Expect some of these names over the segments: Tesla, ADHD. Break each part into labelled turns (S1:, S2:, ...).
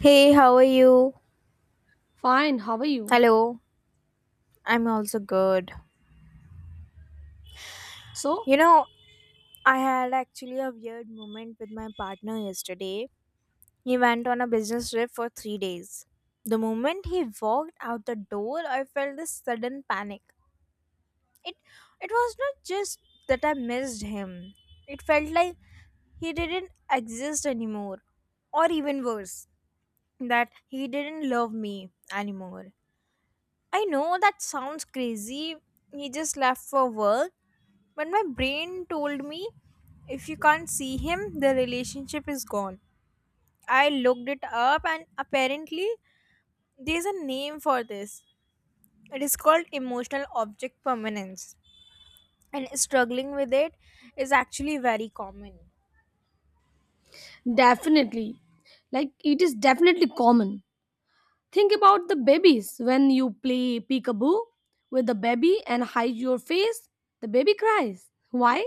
S1: Hey, how are you?
S2: Fine, how are you?
S1: Hello, I'm also good.
S2: So,
S1: You know, I had actually a weird moment with my partner yesterday. He went on a business trip for 3 days. The moment he walked out the door, I felt this sudden panic. It it was not just that I missed him. It felt like he didn't exist anymore. Or even worse, that he didn't love me anymore. I know that sounds crazy. He just left for work. But my brain told me, if you can't see him, the relationship is gone. I looked it up, and apparently, there's a name for this. It is called emotional object permanence, and struggling with it is actually very common.
S2: definitely, like it is definitely common. Think about the babies when you play peekaboo with the baby and hide your face, the baby cries. Why?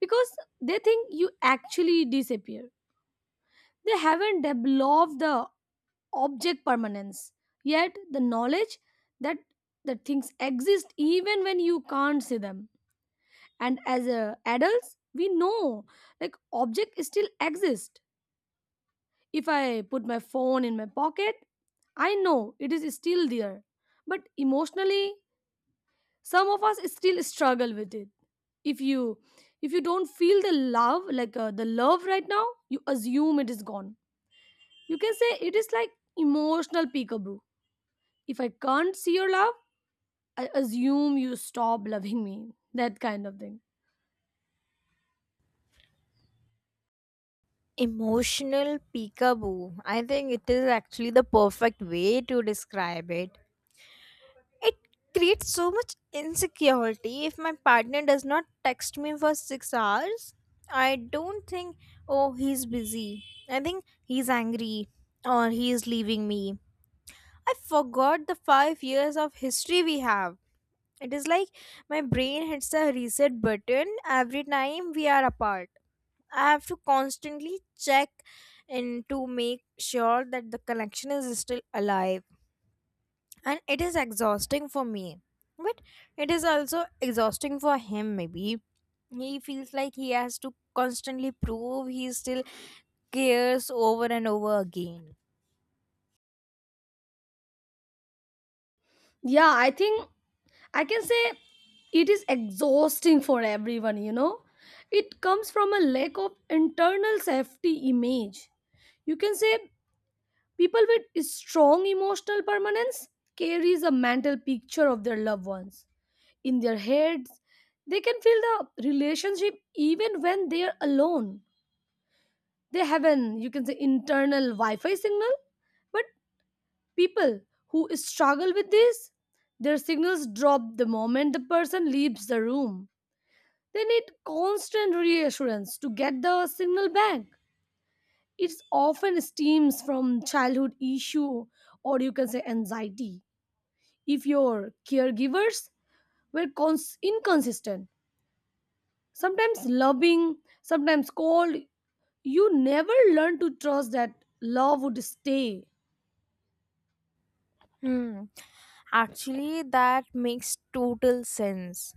S2: Because they think you actually disappear. They haven't developed the object permanence yet, the knowledge that the things exist even when you can't see them. And as adults, we know like object still exists. If I put my phone in my pocket, I know it is still there. But emotionally, some of us still struggle with it. If you if you don't feel the love like the love right now, you assume it is gone. You can say it is like emotional peekaboo. If I can't see your love, I assume you stop loving me. That kind of thing.
S1: Emotional peekaboo. I think it is actually the perfect way to describe it. It creates so much insecurity if my partner does not text me for 6 hours. I don't think, oh, he's busy. I think he's angry or he is leaving me. I forgot the 5 years of history we have. It is like my brain hits a reset button every time we are apart. I have to constantly check in to make sure that the connection is still alive, and it is exhausting for me, but it is also exhausting for him. Maybe he feels like he has to constantly prove he still cares over and over again.
S2: Yeah, I think I can say it is exhausting for everyone, you know. It comes from a lack of internal safety image. You can say people with strong emotional permanence carries a mental picture of their loved ones in their heads. They can feel the relationship even when they are alone. They have an, you can say, internal Wi-Fi signal, but people who struggle with this, their signals drop the moment the person leaves the room. They need constant reassurance to get the signal back. It often stems from childhood issue or you can say anxiety. If your caregivers were inconsistent, sometimes loving, sometimes cold, you never learn to trust that love would stay.
S1: Hmm. Actually, that makes total sense.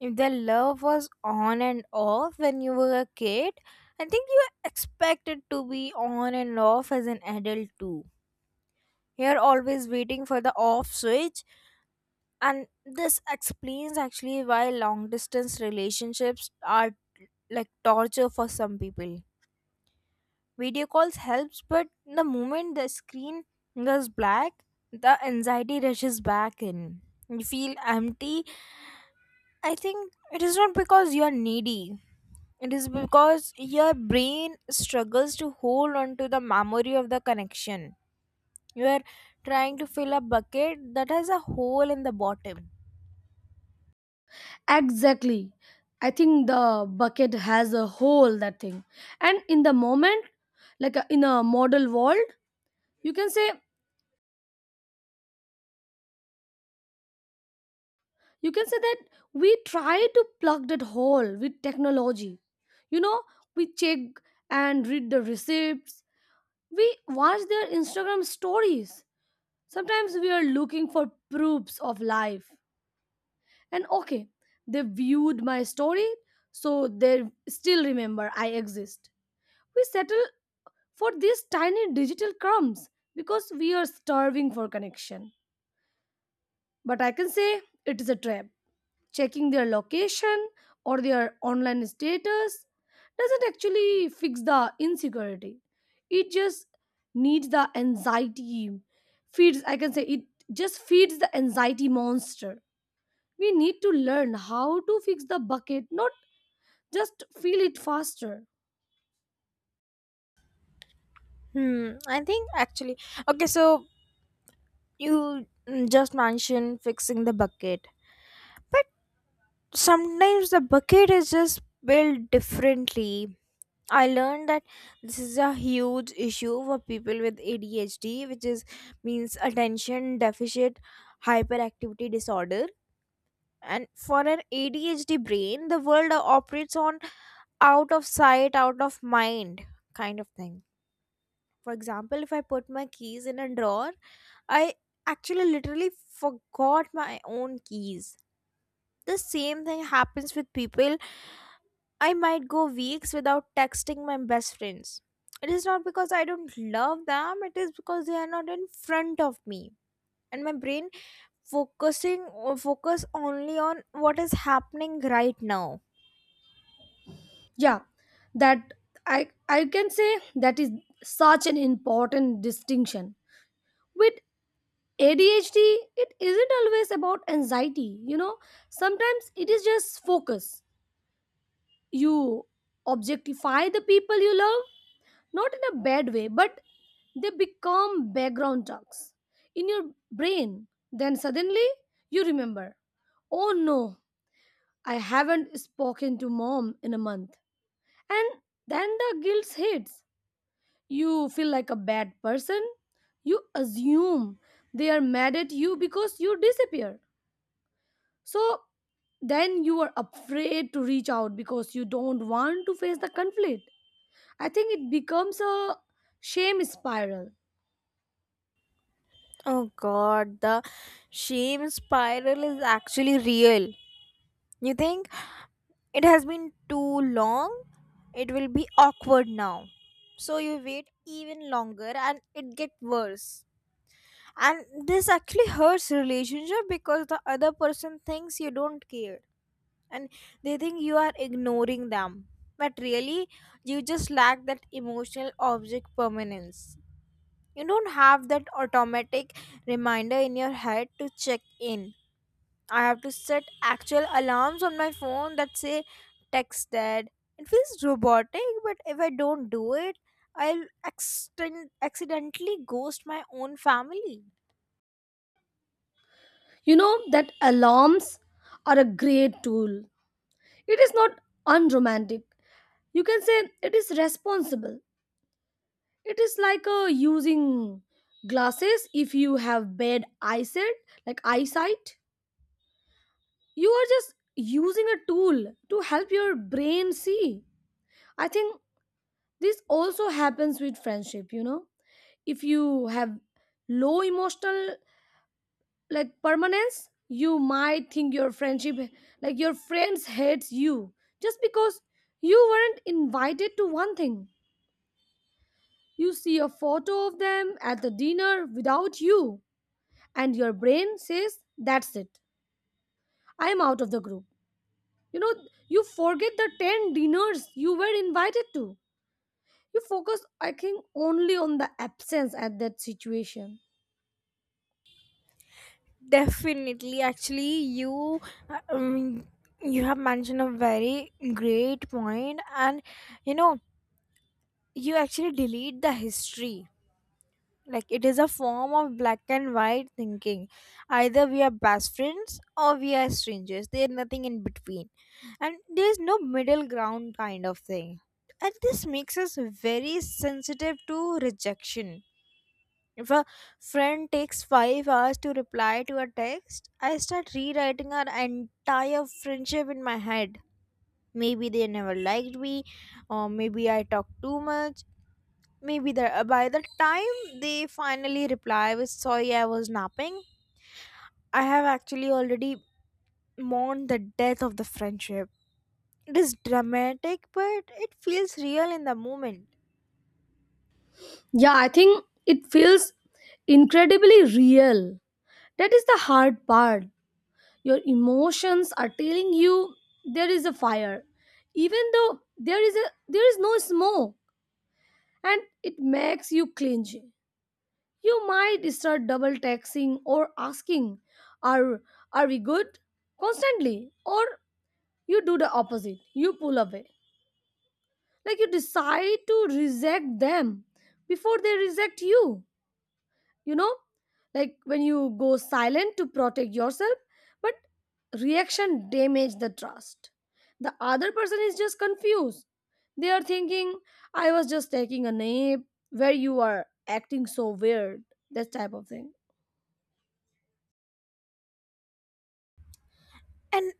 S1: If the love was on and off when you were a kid, I think you are expected to be on and off as an adult too. You're always waiting for the off switch, and this explains actually why long distance relationships are like torture for some people. Video calls helps, but the moment the screen goes black, the anxiety rushes back in. You feel empty. I think it is not because you are needy, it is because your brain struggles to hold on to the memory of the connection. You are trying to fill a bucket that has a hole in the bottom.
S2: Exactly. I think the bucket has a hole, that thing. And in the moment, like in a model world, you can say, you can say that we try to plug that hole with technology, you know. We check and read the receipts, we watch their Instagram stories, sometimes we are looking for proofs of life. And okay, they viewed my story, so they still remember I exist. We settle for these tiny digital crumbs because we are starving for connection, but I can say it is a trap. Checking their location or their online status doesn't actually fix the insecurity. It just needs the anxiety, feeds, I can say, it just feeds the anxiety monster. We need to learn how to fix the bucket, not just feel it faster.
S1: Hmm, I think actually, okay, so you just mentioned fixing the bucket, but sometimes the bucket is just built differently. I learned that this is a huge issue for people with ADHD, which is means attention deficit hyperactivity disorder. And for an ADHD brain, the world operates on out of sight, out of mind kind of thing. For example, if I put my keys in a drawer, I actually literally forgot my own keys. The same thing happens with people. I might go weeks without texting my best friends. It is not because I don't love them, it is because they are not in front of me. And my brain focusing or focus only on what is happening right now.
S2: Yeah, that I can say that is such an important distinction. With ADHD, it isn't always about anxiety, you know. Sometimes it is just focus. You objectify the people you love, not in a bad way, but they become background talks in your brain. Then suddenly you remember, oh no, I haven't spoken to mom in a month. And then the guilt hits. You feel like a bad person. You assume they are mad at you because you disappear. So then you are afraid to reach out because you don't want to face the conflict. I think it becomes a shame spiral.
S1: Oh god, the shame spiral is actually real. You think it has been too long. It will be awkward now. So you wait even longer and it gets worse. And this actually hurts relationship because the other person thinks you don't care and they think you are ignoring them. But really, you just lack that emotional object permanence. You don't have that automatic reminder in your head to check in. I have to set actual alarms on my phone that say text dad. It feels robotic, but if I don't do it, I'll accidentally ghost my own family.
S2: You know that alarms are a great tool. It is not unromantic. You can say it is responsible. It is like using glasses if you have bad eyesight, like eyesight. You are just using a tool to help your brain see. I think this also happens with friendship, you know. If you have low emotional, like, permanence, you might think your friendship, like your friends hates you just because you weren't invited to one thing. You see a photo of them at the dinner without you, and your brain says that's it. I am out of the group. You know, you forget the 10 dinners you were invited to. You focus, I think, only on the absence at that situation.
S1: Definitely, actually, you uh, um, you have mentioned a very great point, and you know you actually delete the history. Like it is a form of black and white thinking. Either we are best friends or we are strangers, there's nothing in between, and there's no middle ground kind of thing. And this makes us very sensitive to rejection. If a friend takes 5 hours to reply to a text, I start rewriting our entire friendship in my head. Maybe they never liked me, or maybe I talk too much. By the time they finally reply with sorry I was napping, I have actually already mourned the death of the friendship. It is dramatic, but it feels real in the moment.
S2: Yeah, I think it feels incredibly real. That is the hard part. Your emotions are telling you there is a fire, even though there is no smoke, and it makes you clingy. You might start double taxing or asking, "Are are we good?" constantly, or you do the opposite. You pull away, like you decide to reject them before they reject you. You know, like when you go silent to protect yourself, but reaction damage the trust. The other person is just confused. They are thinking, I was just taking a nap. Where you are acting so weird, that type of thing.
S1: And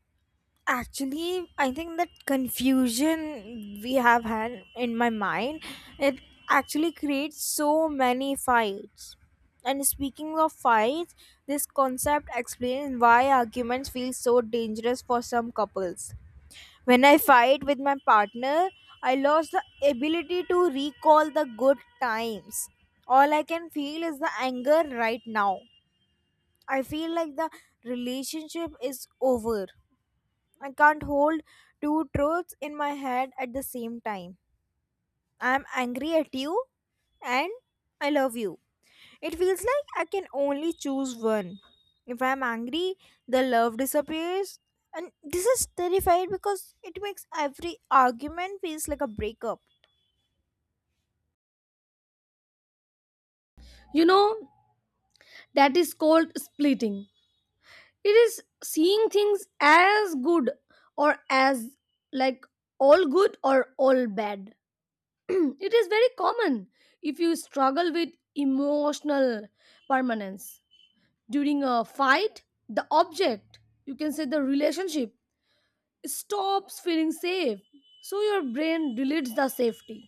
S1: actually, I think that confusion we have had in my mind, it actually creates so many fights. And speaking of fights, this concept explains why arguments feel so dangerous for some couples. When I fight with my partner, I lost the ability to recall the good times. All I can feel is the anger right now. I feel like the relationship is over. I can't hold two truths in my head at the same time. I'm angry at you and I love you. It feels like I can only choose one. If I'm angry, the love disappears. And this is terrifying because it makes every argument feels like a breakup.
S2: You know that is called splitting. It is seeing things as good or as, like, all good or all bad. It is very common. If you struggle with emotional permanence during a fight, the object, you can say the relationship, stops feeling safe, so your brain deletes the safety.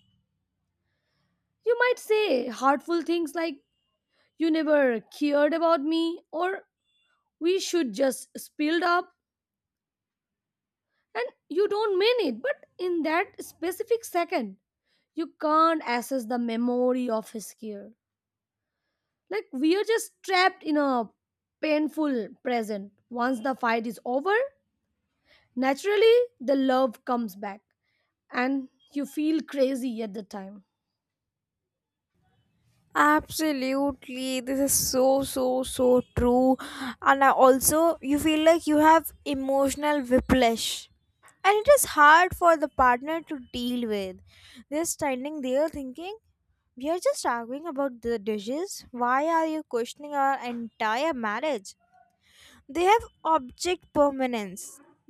S2: You might say hurtful things like, you never cared about me, or we should just spilled up, and you don't mean it, but in that specific second you can't access the memory of his care. Like we are just trapped in a painful present. Once the fight is over, naturally the love comes back, and you feel crazy at the time.
S1: Absolutely. This is so, so, so true. And I also, you feel like you have emotional whiplash. And it is hard for the partner to deal with. They're standing there thinking, we are just arguing about the dishes. Why are you questioning our entire marriage? They have object permanence.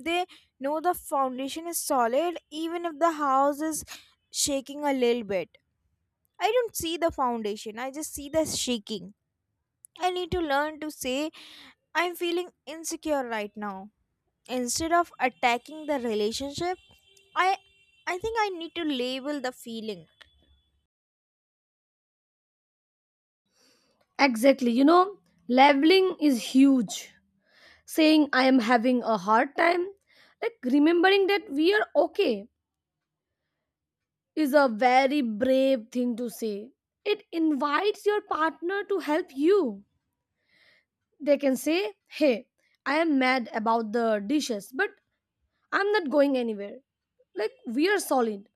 S1: They know the foundation is solid even if the house is shaking a little bit. I don't see the foundation, I just see the shaking. I need to learn to say I'm feeling insecure right now instead of attacking the relationship. I i think I need to label the feeling.
S2: Exactly, you know, leveling is huge. Saying I am having a hard time, like remembering that we are okay, is a very brave thing to say. It invites your partner to help you. They can say, Hey, I am mad about the dishes, but I'm not going anywhere. Like we are solid.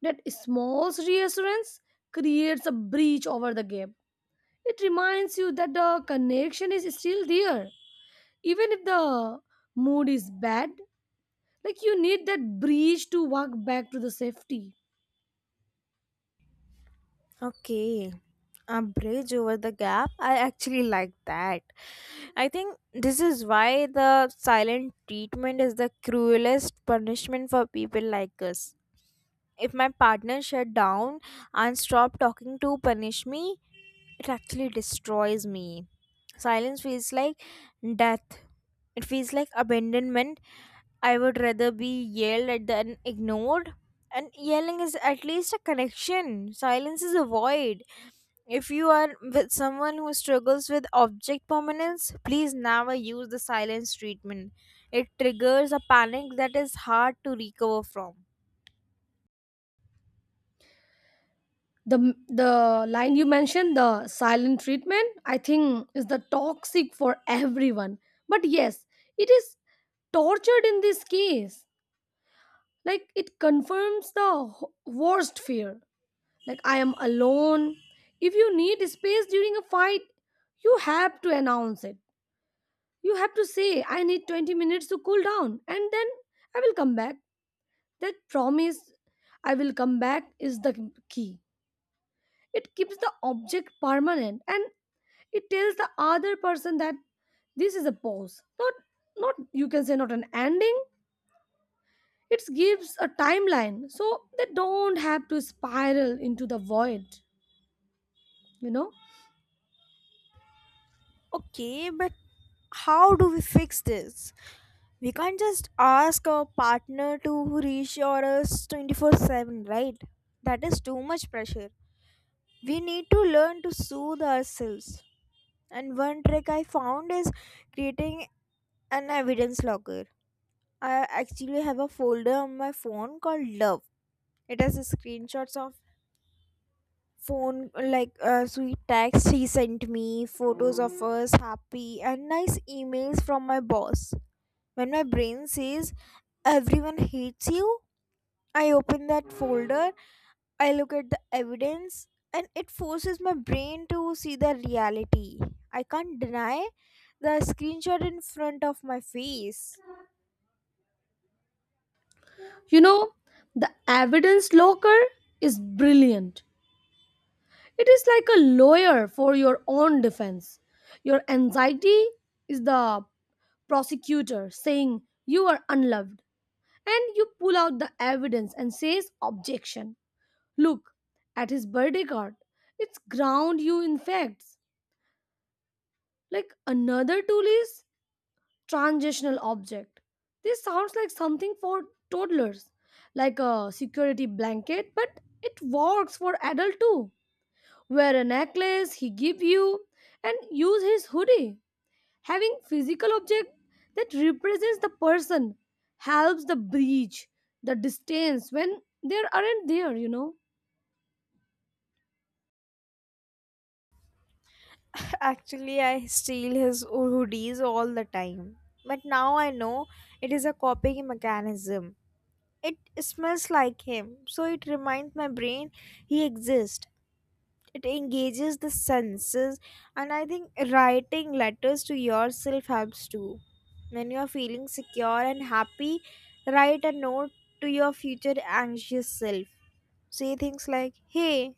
S2: That small reassurance creates a breach over the gap. It reminds you that the connection is still there. Even if the mood is bad, like you need that breach to walk back to the safety.
S1: Okay, a bridge over the gap, I actually like that. I think this is why the silent treatment is the cruelest punishment for people like us. If my partner shut down and stopped talking to punish me, it actually destroys me. Silence feels like death. It feels like abandonment. I would rather be yelled at than ignored, and yelling is at least a connection. Silence is a void. If you are with someone who struggles with object permanence, please never use the silence treatment. It triggers a panic that is hard to recover from.
S2: The line you mentioned, the silent treatment, I think is the toxic for everyone. But yes, it is tortured in this case. Like it confirms the worst fear. Like I am alone. If you need space during a fight, you have to announce it. You have to say, I need 20 minutes to cool down and then I will come back. That promise, I will come back, is the key. It keeps the object permanent, and it tells the other person that this is a pause. Not you can say, not an ending. It gives a timeline so they don't have to spiral into the void, you know?
S1: Okay, but how do we fix this? We can't just ask our partner to reassure us 24/7, right? That is too much pressure. We need to learn to soothe ourselves. And one trick I found is creating an evidence logger. I actually have a folder on my phone called Love. It has screenshots of phone like sweet text he sent me, photos of us happy, and nice emails from my boss. When my brain says everyone hates you, I open that folder, I look at the evidence, and it forces my brain to see the reality. I can't deny the screenshot in front of my face.
S2: You know, the evidence locker is brilliant. It is like a lawyer for your own defense. Your anxiety is the prosecutor saying you are unloved, and you pull out the evidence and says objection. Look at his birthday card. It's ground you in facts. Like another tool is transitional object. This sounds like something for toddlers, like a security blanket, but it works for adult too. Wear a necklace he give you and use his hoodie. Having physical object that represents the person helps the breach, the distance when there aren't there, you know.
S1: Actually, I steal his hoodies all the time. But now I know it is a copying mechanism. It smells like him, so it reminds my brain he exists. It engages the senses, and I think writing letters to yourself helps too. When you are feeling secure and happy, write a note to your future anxious self. Say things like, hey,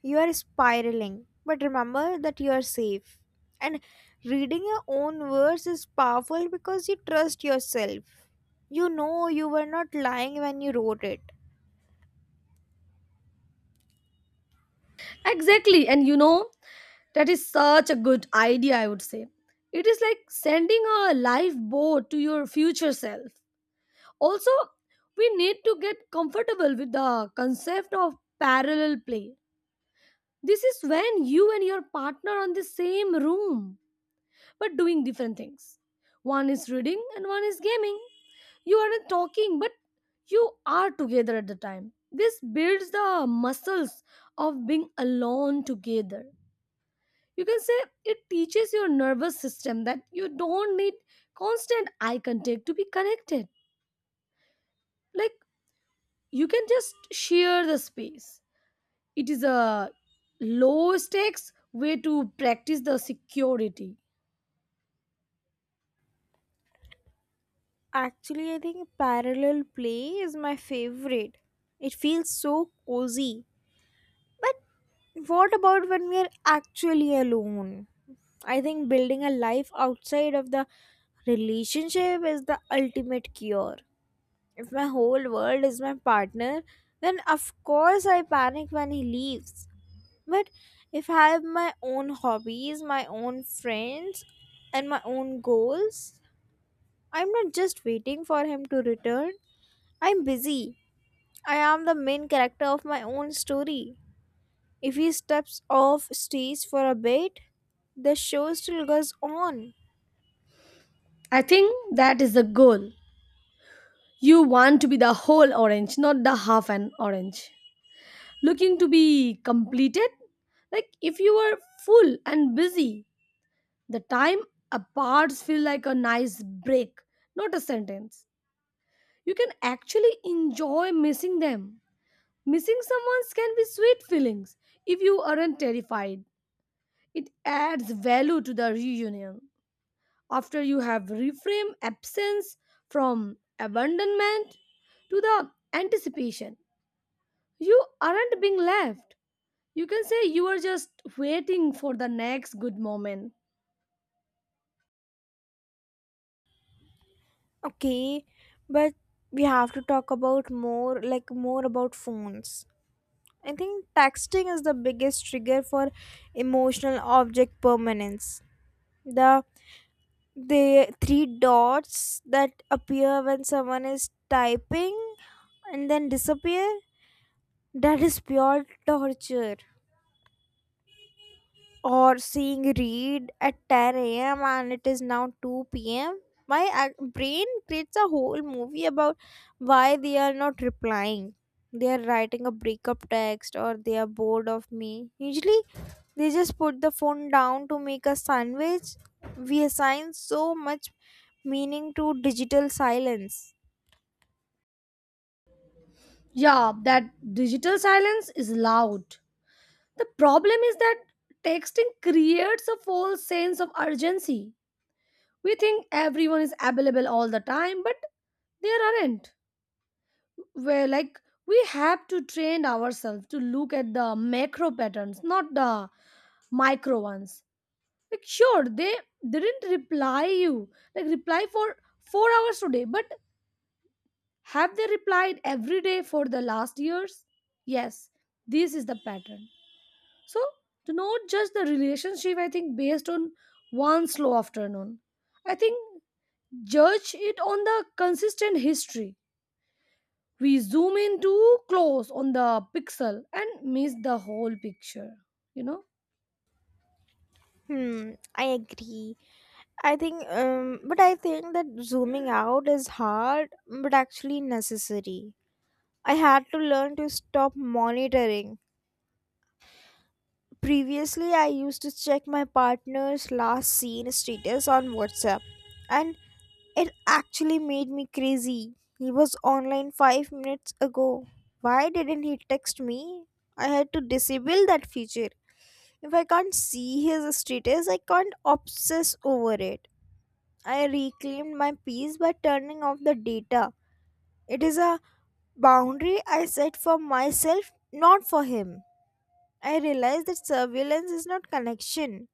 S1: you are spiraling, but remember that you are safe. And reading your own words is powerful because you trust yourself. You know you were not lying when you wrote it.
S2: Exactly, and you know that is such a good idea, I would say. It is like sending a lifeboat to your future self. Also, we need to get comfortable with the concept of parallel play. This is when you and your partner are in the same room but doing different things. One is reading and one is gaming. You aren't talking, but you are together at the time. This builds the muscles of being alone together. You can say it teaches your nervous system that you don't need constant eye contact to be connected. Like you can just share the space. It is a low stakes way to practice the security.
S1: Actually, I think parallel play is my favorite. It feels so cozy. But what about when we are actually alone? I think building a life outside of the relationship is the ultimate cure. If my whole world is my partner, then of course I panic when he leaves. But if I have my own hobbies, my own friends, and my own goals, I'm not just waiting for him to return. I'm busy. I am the main character of my own story. If he steps off stage for a bit, the show still goes on.
S2: I think that is the goal. You want to be the whole orange, not the half an orange. Looking to be completed? Like if you are full and busy, the time apart feel like a nice break, not a sentence. You can actually enjoy missing them. Missing someone can be sweet feelings if you aren't terrified. It adds value to the reunion. After you have reframed absence from abandonment to the anticipation, you aren't being left. You can say you are just waiting for the next good moment.
S1: Okay, but we have to talk about more about phones. I think texting is the biggest trigger for emotional object permanence. The the three dots that appear when someone is typing and then disappear, that is pure torture. Or seeing read at 10 a.m. and it is now 2 p.m. My brain creates a whole movie about why they are not replying. They are writing a breakup text or they are bored of me. Usually, they just put the phone down to make a sandwich. We assign so much meaning to digital silence.
S2: Yeah, that digital silence is loud. The problem is that texting creates a false sense of urgency. We think everyone is available all the time, but there aren't. Where, like, we have to train ourselves to look at the macro patterns, not the micro ones. Like sure, they didn't reply you, like reply for 4 hours today, but have they replied every day for the last years? Yes, this is the pattern. So to not judge the relationship, I think, based on one slow afternoon. I think judge it on the consistent history. We zoom in too close on the pixel and miss the whole picture, you know.
S1: Hmm, I agree. I think, but I think that zooming out is hard but actually necessary. I had to learn to stop monitoring. Previously, I used to check my partner's last seen status on WhatsApp, and it actually made me crazy. He was online 5 minutes ago. Why didn't he text me? I had to disable that feature. If I can't see his status, I can't obsess over it. I reclaimed my peace by turning off the data. It is a boundary I set for myself, not for him. I realized that surveillance is not connection.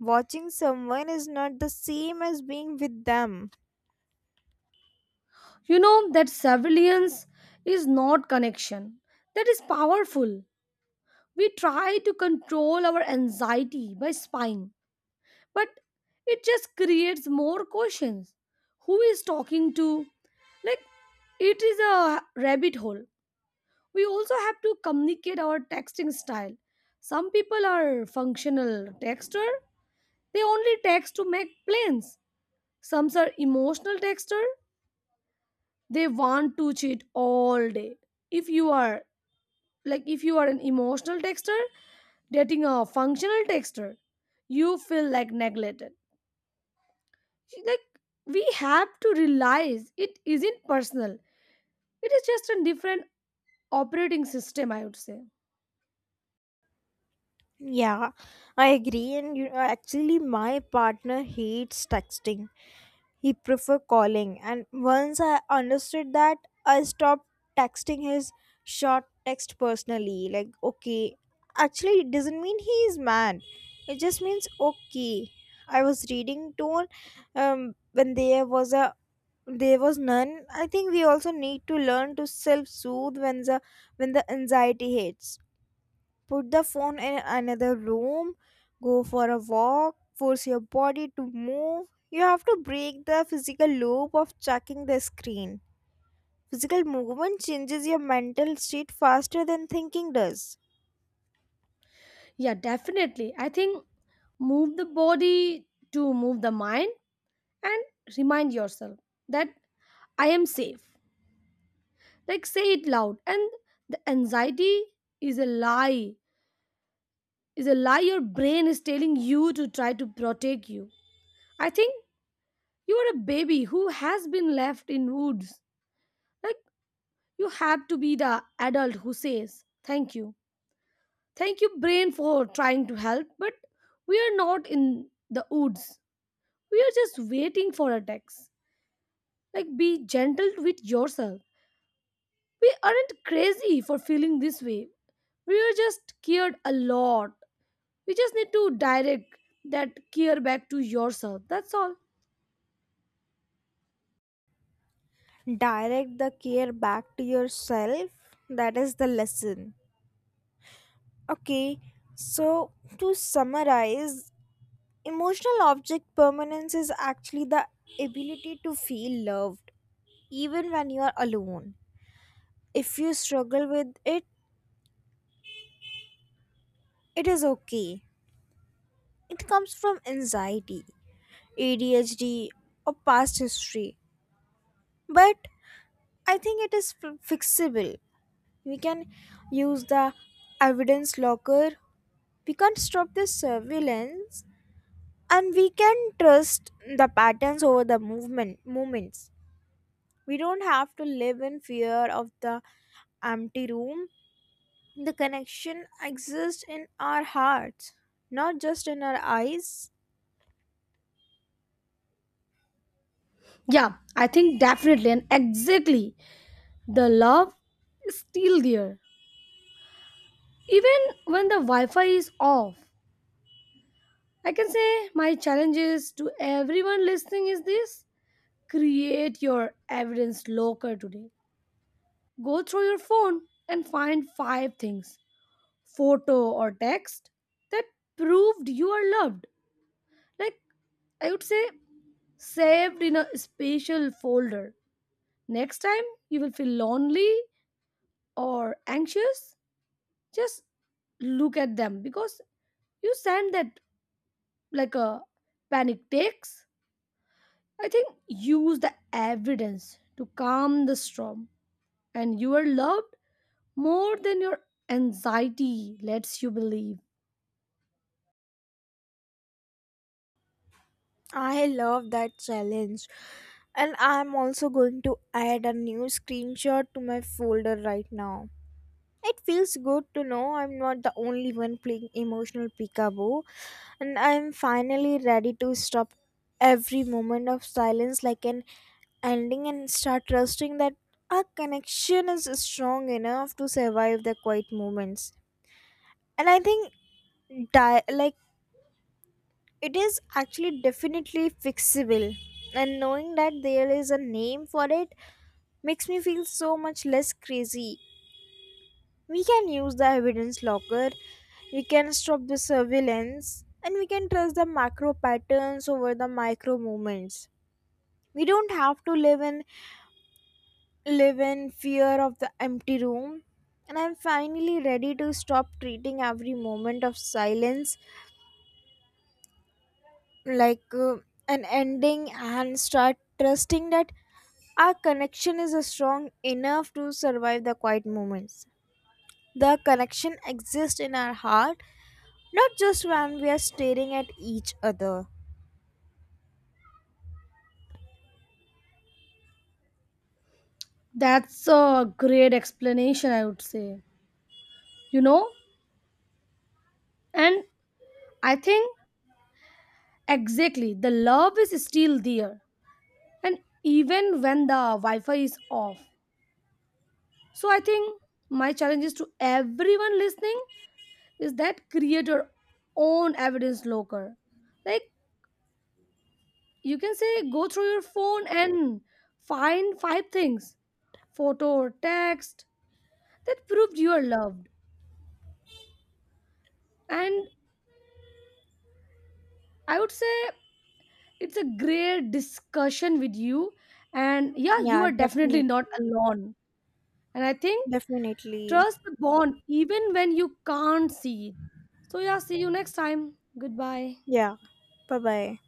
S1: Watching someone is not the same as being with them.
S2: You know that surveillance is not connection. That is powerful. We try to control our anxiety by spying, but it just creates more questions. Who is talking to, like, it is a rabbit hole. We also have to communicate our texting style. Some people are functional texter. They only text to make plans. Some are emotional texter. They want to cheat all day. If you are if you are an emotional texter dating a functional texter, you feel like neglected. Like we have to realize it isn't personal. It is just a different operating system, I would say.
S1: Yeah, I agree. And you know, actually, my partner hates texting. He prefer calling. And once I understood that, I stopped texting his short text personally. Like, okay, actually, it doesn't mean he is mad. It just means okay. I was reading tone when there was a there was none. I think we also need to learn to self soothe when the anxiety hits. Put the phone in another room, go for a walk, force your body to move. You have to break the physical loop of checking the screen. Physical movement changes your mental state faster than thinking does.
S2: Yeah, definitely. I think move the body to move the mind, and remind yourself that I am safe. Like say it loud. And the anxiety is a lie is a lie your brain is telling you to try to protect you. I think you are a baby who has been left in woods. Like you have to be the adult who says thank you, thank you brain for trying to help, but we are not in the woods. We are just waiting for a text. Like be gentle with yourself. We aren't crazy for feeling this way. We are just scared a lot. You just need to direct that care back to yourself, that's all.
S1: Direct the care back to yourself, that is the lesson. Okay, so to summarize, emotional object permanence is actually the ability to feel loved even when you are alone. If you struggle with it, it is okay. It comes from anxiety, ADHD, or past history. But I think it is fixable. We can use the evidence locker. We can stop this surveillance and we can trust the patterns over the movement moments. We don't have to live in fear of the empty room. The connection exists in our hearts, not just in our eyes.
S2: Yeah, I think definitely and exactly the love is still there, even when the Wi-Fi is off. I can say my challenge is to everyone listening is this: create your evidence locker today. Go through your phone and find five things, photo or text, that proved you are loved. Like I would say, saved in a special folder. Next time you will feel lonely or anxious, just look at them, because you send that like a panic takes. I think use the evidence to calm the storm, and you are loved more than your anxiety lets you believe.
S1: I love that challenge. And I'm also going to add a new screenshot to my folder right now. It feels good to know I'm not the only one playing emotional peekaboo, and I'm finally ready to stop every moment of silence like an ending and start trusting that our connection is strong enough to survive the quiet moments. And I think di- like it is actually definitely fixable. And knowing that there is a name for it makes me feel so much less crazy. We can use the evidence locker, we can stop the surveillance, and we can trust the macro patterns over the micro movements. We don't have to live in fear of the empty room, and I'm finally ready to stop treating every moment of silence like an ending and start trusting that our connection is strong enough to survive the quiet moments. The connection exists in our heart. Not just when we are staring at each other.
S2: That's a great explanation, I would say. You know, and I think exactly the love is still there, and even when the Wi Fi is off, so I think my challenge is to everyone listening is that create your own evidence locker. Like you can say go through your phone and find five things, photo or text, that proved you are loved. And I would say it's a great discussion with you, and yeah, you
S1: Yeah,
S2: are definitely
S1: definitely.
S2: not alone. And I think
S1: Definitely.
S2: trust the bond even when you can't see it. So yeah, see you next time. Goodbye.
S1: Yeah. Bye bye.